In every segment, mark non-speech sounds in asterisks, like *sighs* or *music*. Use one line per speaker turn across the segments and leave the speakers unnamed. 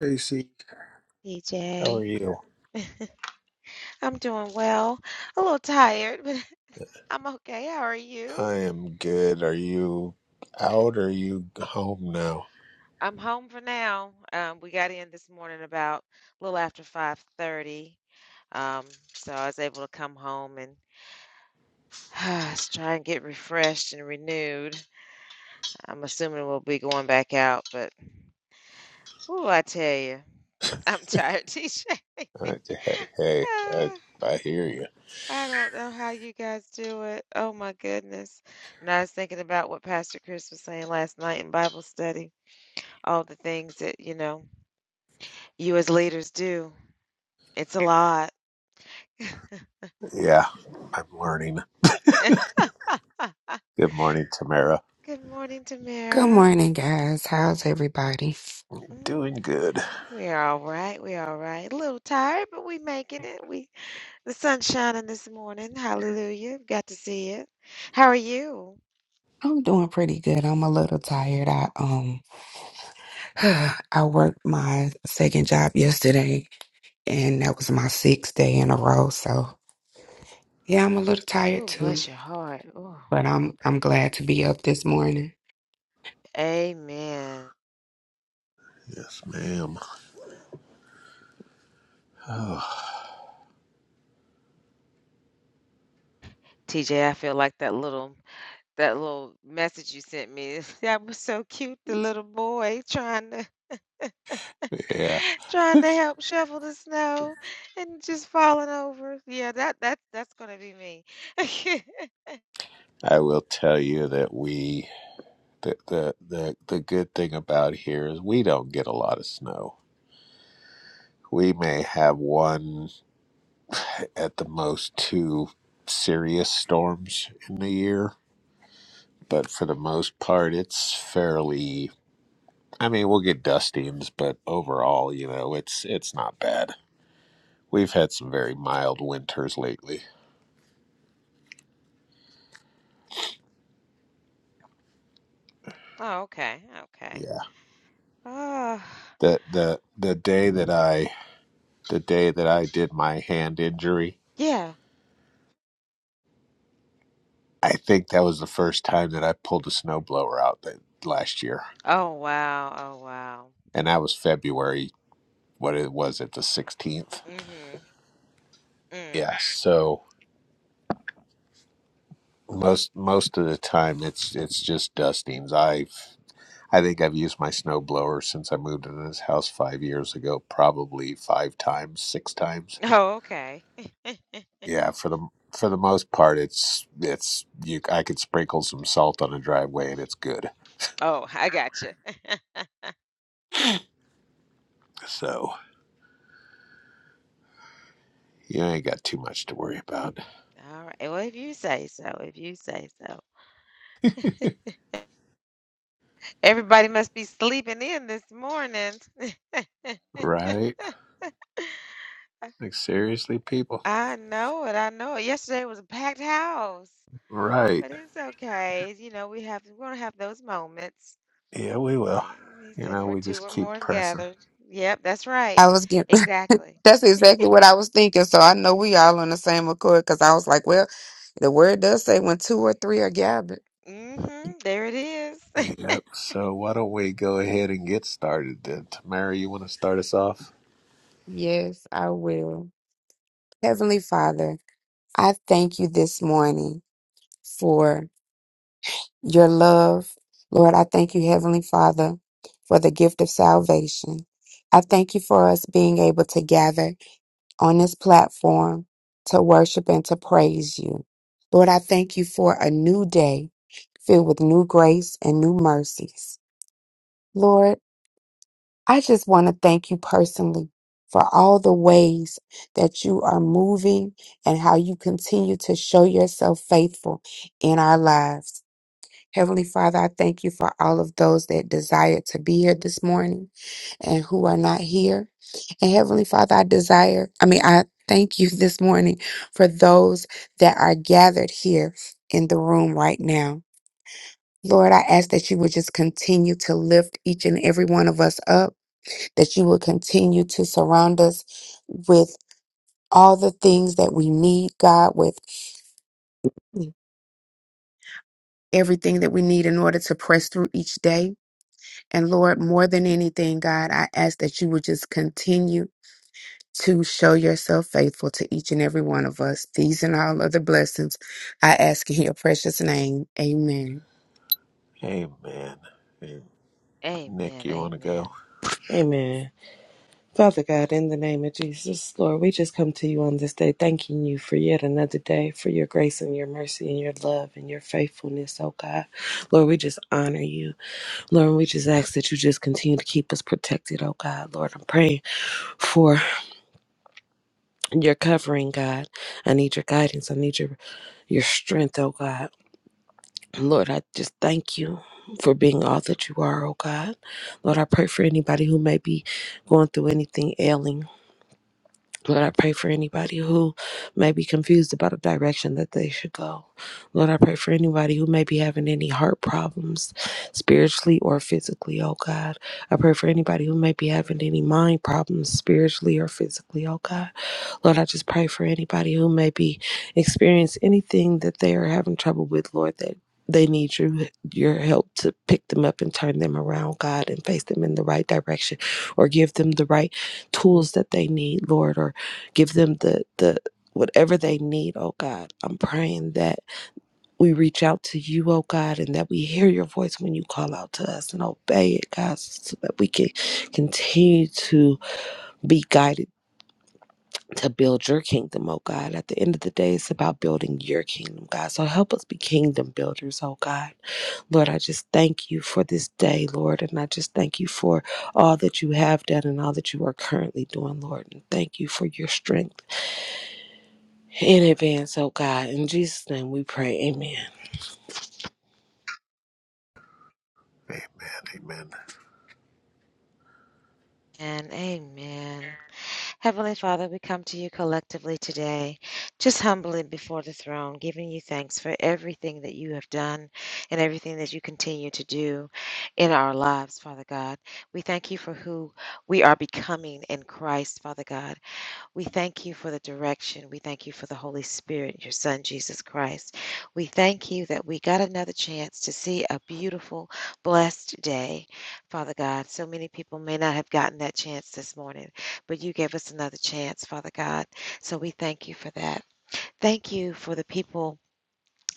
Casey, how are
DJ.
you?
I'm doing well. A little tired, but *laughs* I'm okay. How are you?
I am good. Are you out or are you home now?
I'm home for now. Um, we got in this morning about a little after 5:30. Um, so I was able to come home and *sighs* s- try and get refreshed and renewed. I'm assuming we'll be going back out, but ooh, I tell you, I'm tired, *laughs* TJ.
I, hey, hey, I,
*laughs*
I hear you.
I don't know how you guys do it. Oh my goodness. When I was thinking about what Pastor Chris was saying last night in Bible study, all the things that, you know, you as leaders do. It's a lot.
Yeah, I'm learning.
*laughs*
Good morning, Tamara.
Good morning,
Good
Tamara.
morning, guys. How's everybody?
Doing
Mm,
good.
We're all right. We're all right. A little tired, but we making it. We the sun's shining this morning. Hallelujah. Got to see it. How are you?
I'm doing pretty good. I'm a little tired. I um *sighs* I worked my second job yesterday and that was my sixth day in a row. So yeah, I'm a little tired
Oh,
too.
bless your heart. Oh,
But I'm I'm glad to be up this morning.
amen.
Yes, ma'am. Oh,
TJ, I feel like that little That little message you sent me, *laughs* that was so cute, the little boy trying to *laughs*
yeah,
trying to help shovel the snow and just falling over. Yeah, that that that's gonna be me. *laughs*
I will tell you that we the, the the the good thing about here is we don't get a lot of snow. We may have one at the most two serious storms in the year but for the most part it's fairly i mean we'll get dustings but overall you know it's it's not bad we've had some very mild winters lately
Oh, okay, okay.
yeah
Oh,
the the the day that i the day that i did my hand injury
yeah.
i think that was the first time that i pulled a snowblower out that last year
Oh, wow. Oh, wow.
and that was february what it was at the 16th
Mm-hmm. Mm.
yeah so most most of the time it's it's just dustings i've I think I've used my snow blower since I moved into this house five years ago, probably five times, six times.
*laughs* Oh, okay.
Yeah, for the for the most part, it's it's you. I could sprinkle some salt on a driveway and it's good.
Oh, I gotcha. *laughs*
So you ain't got too much to worry about,
All right. Well, if you say so, if you say so. Everybody must be sleeping in this morning. *laughs*
right? Like seriously, people.
I know it. I know it. Yesterday was a packed house,
Right?
but it's okay. You know, we have we're gonna have those moments.
Yeah, we will.
Right, He
You
said,
know,
"Where
we
two
just
or
keep
more have
pressing.
gathered." Yep, that's right.
I was getting *laughs*
Exactly.
that's exactly what I was thinking. So I know we all on the same accord because I was like, well, the word does say when two or three are gathered.
Mm-hmm. There it is. *laughs*
Yep. So why don't we go ahead and get started then? Tamara, you want to start us off?
Yes, I will. Heavenly Father, I thank you this morning for. your love. Lord, I thank you, Heavenly Father, for the gift of salvation. I thank you for us being able to gather on this platform to worship and to praise you. Lord, I thank you for a new day filled with new grace and new mercies. Lord, I just want to thank you personally for all the ways that you are moving and how you continue to show yourself faithful in our lives. Heavenly Father, I thank you for all of those that desire to be here this morning and who are not here. And Heavenly Father, I desire, I mean, I thank you *laughs* this morning for those that are gathered here in the room right now. Lord, I ask that you would just continue to lift each and every one of us up, that you will continue to surround us with all the things that we need, God, with everything that we need in order to press through each day. And Lord, more than anything, God, I ask that you would just continue to show yourself faithful to each and every one of us. These and all other blessings I ask in your precious name. Amen.
Hey, man. Hey, Nick,
Amen.
you want to
Amen.
go?
Amen. Father God, in the name of Jesus, Lord, we just come to you on this day, thanking you for yet another day, for your grace and your mercy and your love and your faithfulness, oh God. Lord, we just honor you. Lord, we just ask that you just continue to keep us protected, oh God. Lord, I'm praying for your covering, God. I need your guidance. I need your your strength, oh God. Lord, I just thank you for being all that you are, oh God. Lord, I pray for anybody who may be going through anything ailing. Lord, I pray for anybody who may be confused about a direction that they should go. Lord, I pray for anybody who may be having any heart problems, spiritually or physically, oh God. I pray for anybody who may be having any mind problems, spiritually or physically, oh God. Lord, I just pray for anybody who may be experiencing anything that they are having trouble with, Lord, that they need your your help to pick them up and turn them around, God, and face them in the right direction, or give them the right tools that they need, Lord, or give them the the whatever they need, oh God. I'm praying that we reach out to you, oh God, and that we hear your voice when you call out to us and obey it, God, so that we can continue to be guided to build your kingdom, oh God. At the end of the day, it's about building your kingdom, God. So help us be kingdom builders, oh God. Lord, I just thank you for this day, Lord. And I just thank you for all that you have done and all that you are currently doing, Lord. And thank you for your strength in advance, oh God. In Jesus' name we pray. Amen.
Amen. Amen.
And amen. Heavenly Father, we come to you collectively today, just humbly before the throne, giving you thanks for everything that you have done and everything that you continue to do in our lives, Father God. We thank you for who we are becoming in Christ, Father God. We thank you for the direction. We thank you for the Holy Spirit, your Son, Jesus Christ. We thank you that we got another chance to see a beautiful, blessed day, Father God. So many people may not have gotten that chance this morning, but you gave us another chance, Father God. So we thank you for that. Thank you for the people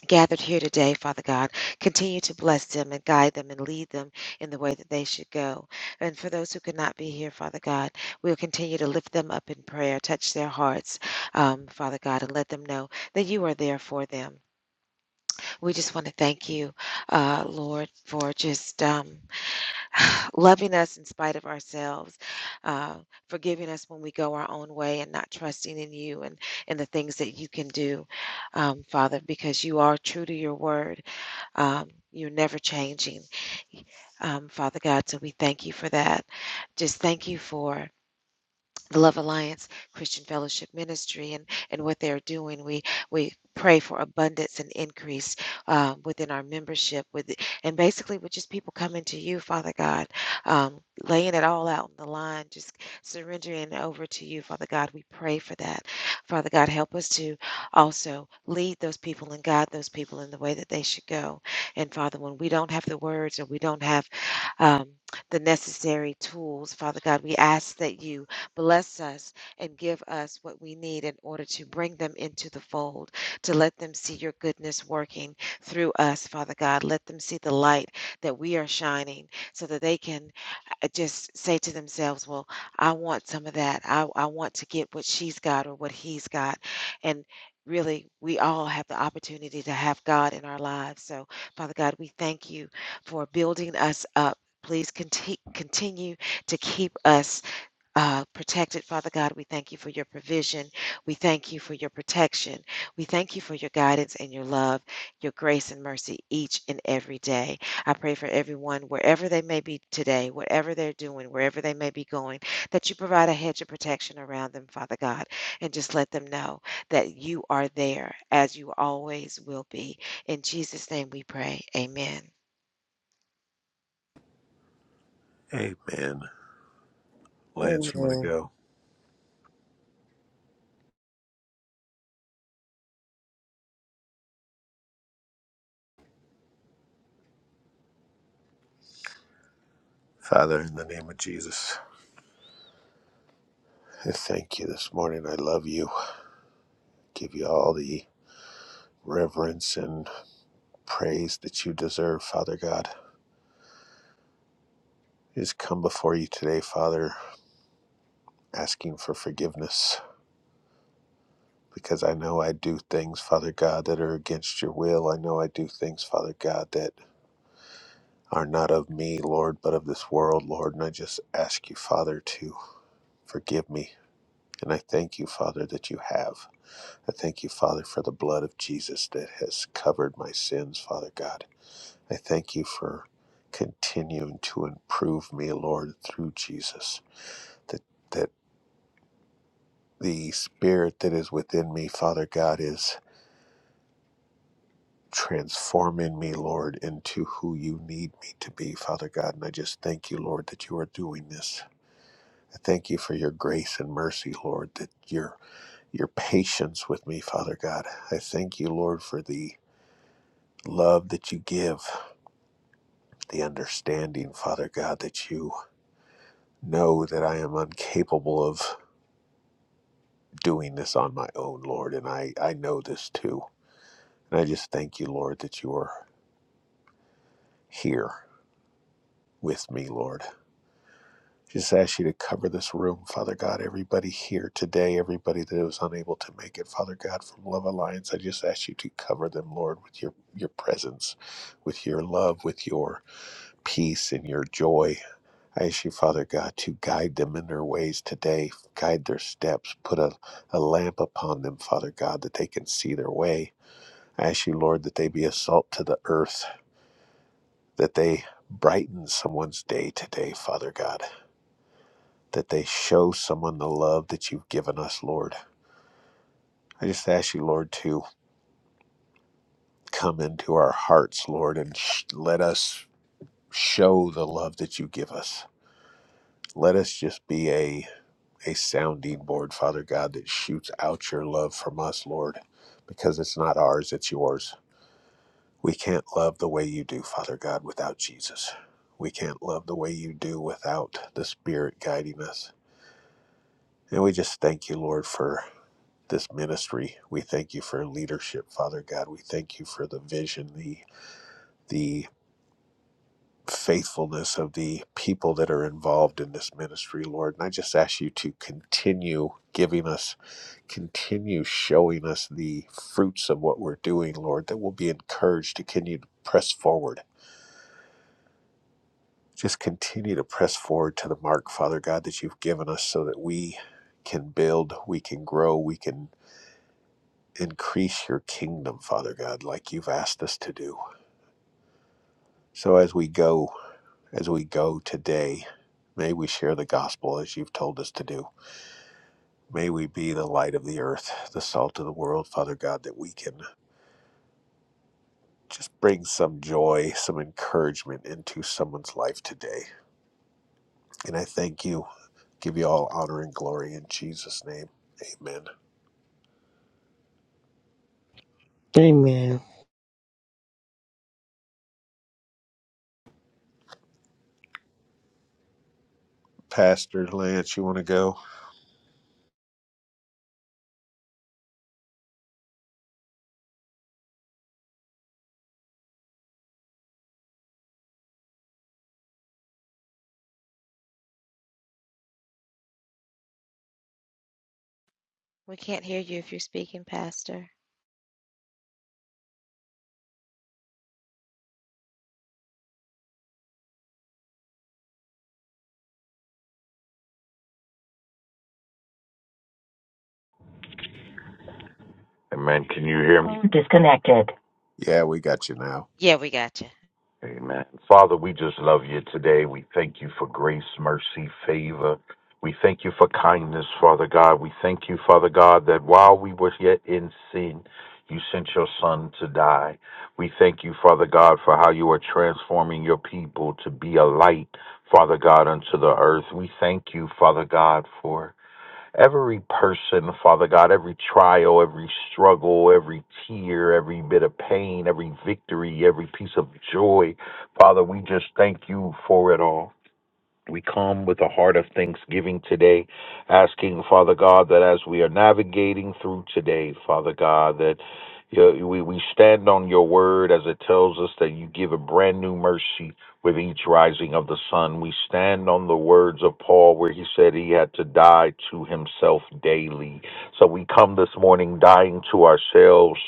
gathered here today, Father God. Continue to bless them and guide them and lead them in the way that they should go. And for those who could not be here, Father God, we'll continue to lift them up in prayer, touch their hearts, um, Father God, and let them know that you are there for them. We just want to thank you, uh, Lord, for just um, *sighs* loving us in spite of ourselves, uh, forgiving us when we go our own way and not trusting in you and in the things that you can do, um, Father, because you are true to your word um, you're never changing, um, Father God. So we thank you for that. Just thank you for the Love Alliance Christian Fellowship Ministry and, and what they're doing. We we pray for abundance and increase uh, within our membership, with and basically with just people coming to you, Father God, um, laying it all out on the line, just surrendering over to you, Father God. We pray for that, Father God. Help us to also lead those people and guide those people in the way that they should go. And Father, when we don't have the words or we don't have um, the necessary tools, Father God, we ask that you Bless us and give us what we need in order to bring them into the fold, to let them see your goodness working through us, Father God. Let them see the light that we are shining so that they can uh, just say to themselves, Well, I want some of that. I, I want to get what she's got or what he's got. And really, we all have the opportunity to have God in our lives. So, Father God, we thank you for building us up. Please conti- continue to keep us uh, protected. Father God, we thank you for your provision. We thank you for your protection. We thank you for your guidance and your love, your grace and mercy each and every day. I pray for everyone, wherever they may be today, whatever they're doing, wherever they may be going, that you provide a hedge of protection around them, Father God, and just let them know that you are there as you always will be. In Jesus' name we pray. Amen.
Amen. Lance, you want to
Amen.
go? Father, in the name of Jesus, I thank you this morning. I love you. Give you all the reverence and praise that you deserve, Father God. I just come before you today, Father, asking for forgiveness because I know I do things, Father God, that are against your will. I know I do things, Father God, that are not of me, Lord, but of this world, Lord. And I just ask you, Father, to forgive me. And I thank you, Father, that you have. I thank you, Father, for the blood of Jesus that has covered my sins, Father God. I thank you for continuing to improve me, Lord, through Jesus. That that the spirit that is within me, Father God, is transforming me, Lord, into who you need me to be, Father God. And I just thank you, Lord, that you are doing this. I thank you for your grace and mercy, Lord, that your your patience with me, Father God. I thank you, Lord, for the love that you give. the understanding, Father God, that you know that I am incapable of doing this on my own, Lord, and I, I know this too. And I just thank you, Lord, that you are here with me, Lord. Just ask you to cover this room, Father God. Everybody here today, everybody that was unable to make it, Father God, from Love Alliance, I just ask you to cover them, Lord, with your, your presence, with your love, with your peace and your joy I ask you, Father God, to guide them in their ways today, guide their steps, put a, a lamp upon them, Father God, that they can see their way. I ask you, Lord, that they be a salt to the earth, that they brighten someone's day today, Father God, that they show someone the love that you've given us, Lord. I just ask you, Lord, to come into our hearts, Lord, and sh- let us show the love that you give us. Let us just be a a sounding board, Father God, that shoots out your love from us, Lord, because it's not ours, it's yours. We can't love the way you do, Father God, without Jesus. We can't love the way you do without the Spirit guiding us. And we just thank you, Lord, for this ministry. We thank you for leadership, Father God. We thank you for the vision, the the faithfulness of the people that are involved in this ministry, Lord. And I just ask you to continue giving us continue showing us the fruits of what we're doing, Lord, that we'll be encouraged to continue to press forward. Just continue to press forward to the mark, Father God, that you've given us so that we can build, we can grow, we can increase your kingdom, Father God, like you've asked us to do. So as we go, as we go today, may we share the gospel as you've told us to do. May we be the light of the earth, the salt of the world, Father God, that we can just bring some joy, some encouragement into someone's life today. And I thank you. Give you all honor and glory in Jesus' name. Amen.
Amen.
Pastor Lance, you want to go?
We can't hear you if you're speaking, Pastor.
Amen. Can you hear me? Disconnected.
Yeah, we got you now.
Yeah, we got you.
Amen. Father, we just love you today. We thank you for grace, mercy, favor. We thank you for kindness, Father God. We thank you, Father God, that while we were yet in sin, you sent your son to die. We thank you, Father God, for how you are transforming your people to be a light, Father God, unto the earth. We thank you, Father God, for every person, Father God, every trial, every struggle, every tear, every bit of pain, every victory, every piece of joy. Father, we just thank you for it all. We come with a heart of thanksgiving today, asking, Father God, that as we are navigating through today, Father God, that you know, we, we stand on your word as it tells us that you give a brand new mercy with each rising of the sun. We stand on the words of Paul where he said he had to die to himself daily. So we come this morning dying to ourselves,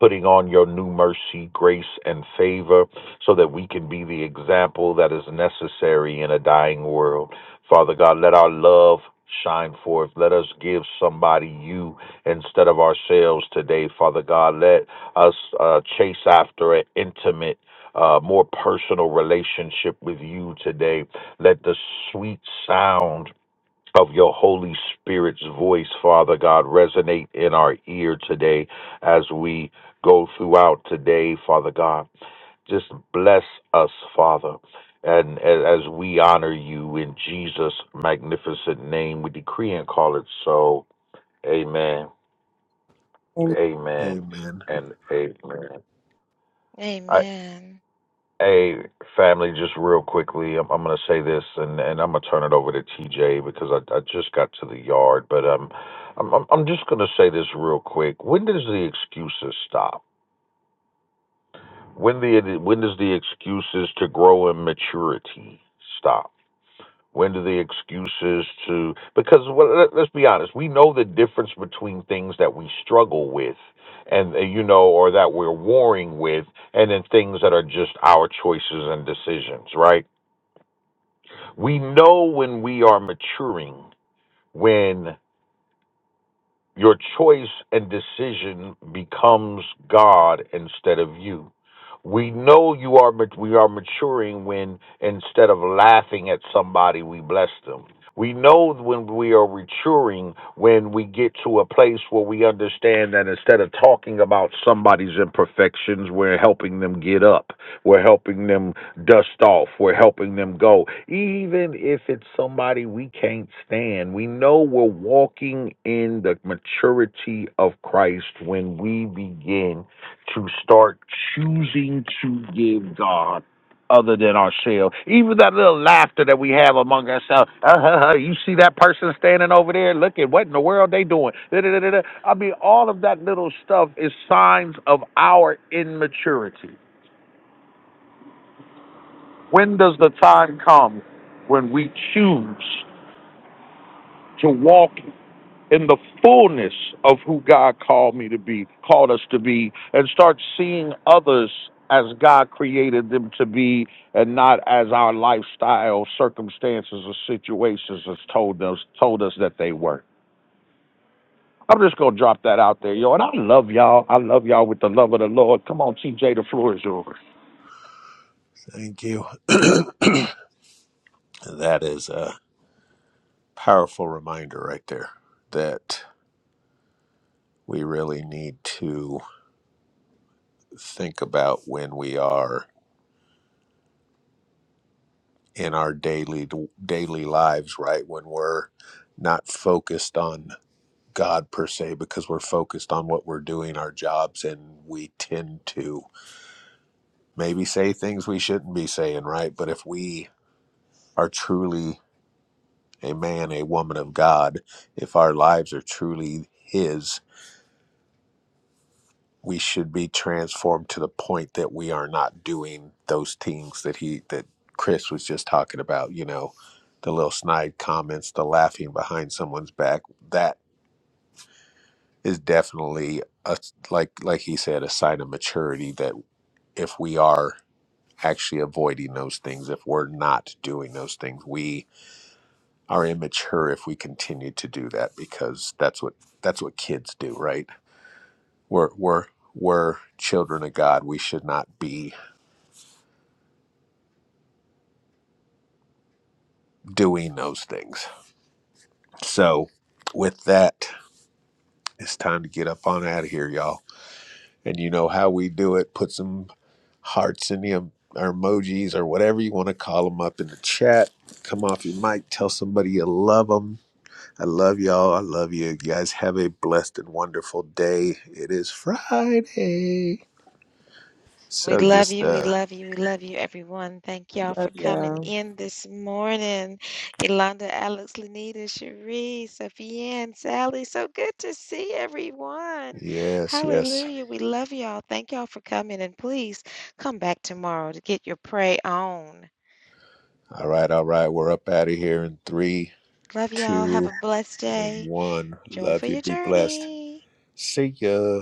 putting on your new mercy, grace, and favor so that we can be the example that is necessary in a dying world. Father God, let our love shine forth. Let us give somebody you instead of ourselves today, Father God. Let us uh, chase after an intimate, uh, more personal relationship with you today. Let the sweet sound of your Holy Spirit's voice, Father God, resonate in our ear today as we go throughout today, Father God. Just bless us, Father. And a- as we honor you in Jesus' magnificent name, we decree and call it so. Amen.
Amen.
Amen.
Amen.
And amen.
Amen.
Hey, family, just real quickly, I'm, I'm going to say this, and, and I'm going to turn it over to TJ because I, I just got to the yard. But um, I'm, I'm, I'm just going to say this real quick. When does the excuses stop? When the when does the excuses to grow in maturity stop? When do the excuses to because well, let, let's be honest, we know the difference between things that we struggle with, and uh, you know, or that we're warring with, and then things that are just our choices and decisions, right? We know when we are maturing, when your choice and decision becomes God instead of you. We know you are we are maturing when instead of laughing at somebody, we bless them. We know when we are maturing, when we get to a place where we understand that instead of talking about somebody's imperfections, we're helping them get up, we're helping them dust off, we're helping them go. Even if it's somebody we can't stand, we know we're walking in the maturity of Christ when we begin to start choosing to give God other than ourselves. Even that little laughter that we have among ourselves. Uh, you see that person standing over there looking, what in the world they doing? Da-da-da-da-da. I mean, all of that little stuff is signs of our immaturity. When does the time come when we choose to walk in the fullness of who God called me to be, called us to be, and start seeing others as God created them to be and not as our lifestyle, circumstances, or situations has told us told us that they were. I'm just gonna drop that out there, yo. And I love y'all. I love y'all with the love of the Lord. Come on, TJ, the floor is yours.
Thank you. That is a powerful reminder right there that we really need to think about when we are in our daily daily lives, right? When we're not focused on God per se because we're focused on what we're doing, our jobs, and we tend to maybe say things we shouldn't be saying, right? But if we are truly a man, a woman of God, if our lives are truly His, we should be transformed to the point that we are not doing those things that he that Chris was just talking about, you know, the little snide comments, the laughing behind someone's back. That is definitely a like like he said, a sign of maturity that. if we are actually avoiding those things, if we're not doing those things. We are immature if we continue to do that because that's what that's what kids do, right? We're we're we're children of God. We should not be doing those things. So with that, it's time to get up on out of here, y'all. And you know how we do it. Put some hearts in the em- or emojis or whatever you want to call them up in the chat. Come off your mic. Tell somebody you love them. I love y'all. I love you. You guys have a blessed and wonderful day. It is Friday.
We
So
love
just
you. We
uh
love you. We love you, everyone. Thank y'all for
Love
coming
y'all.
in this morning. Yolanda, Alex, Lanita, Cherie, Sophia, Sally. So good to see everyone.
yes, yes.
Hallelujah. We love y'all. Thank y'all for coming. And please come back tomorrow to get your pray on.
All right, all right. We're up out of here in three,
Love y'all. Have
two,
a blessed
and
day.
one.
Joy for
Love you.
your
Be blessed.
journey.
See ya.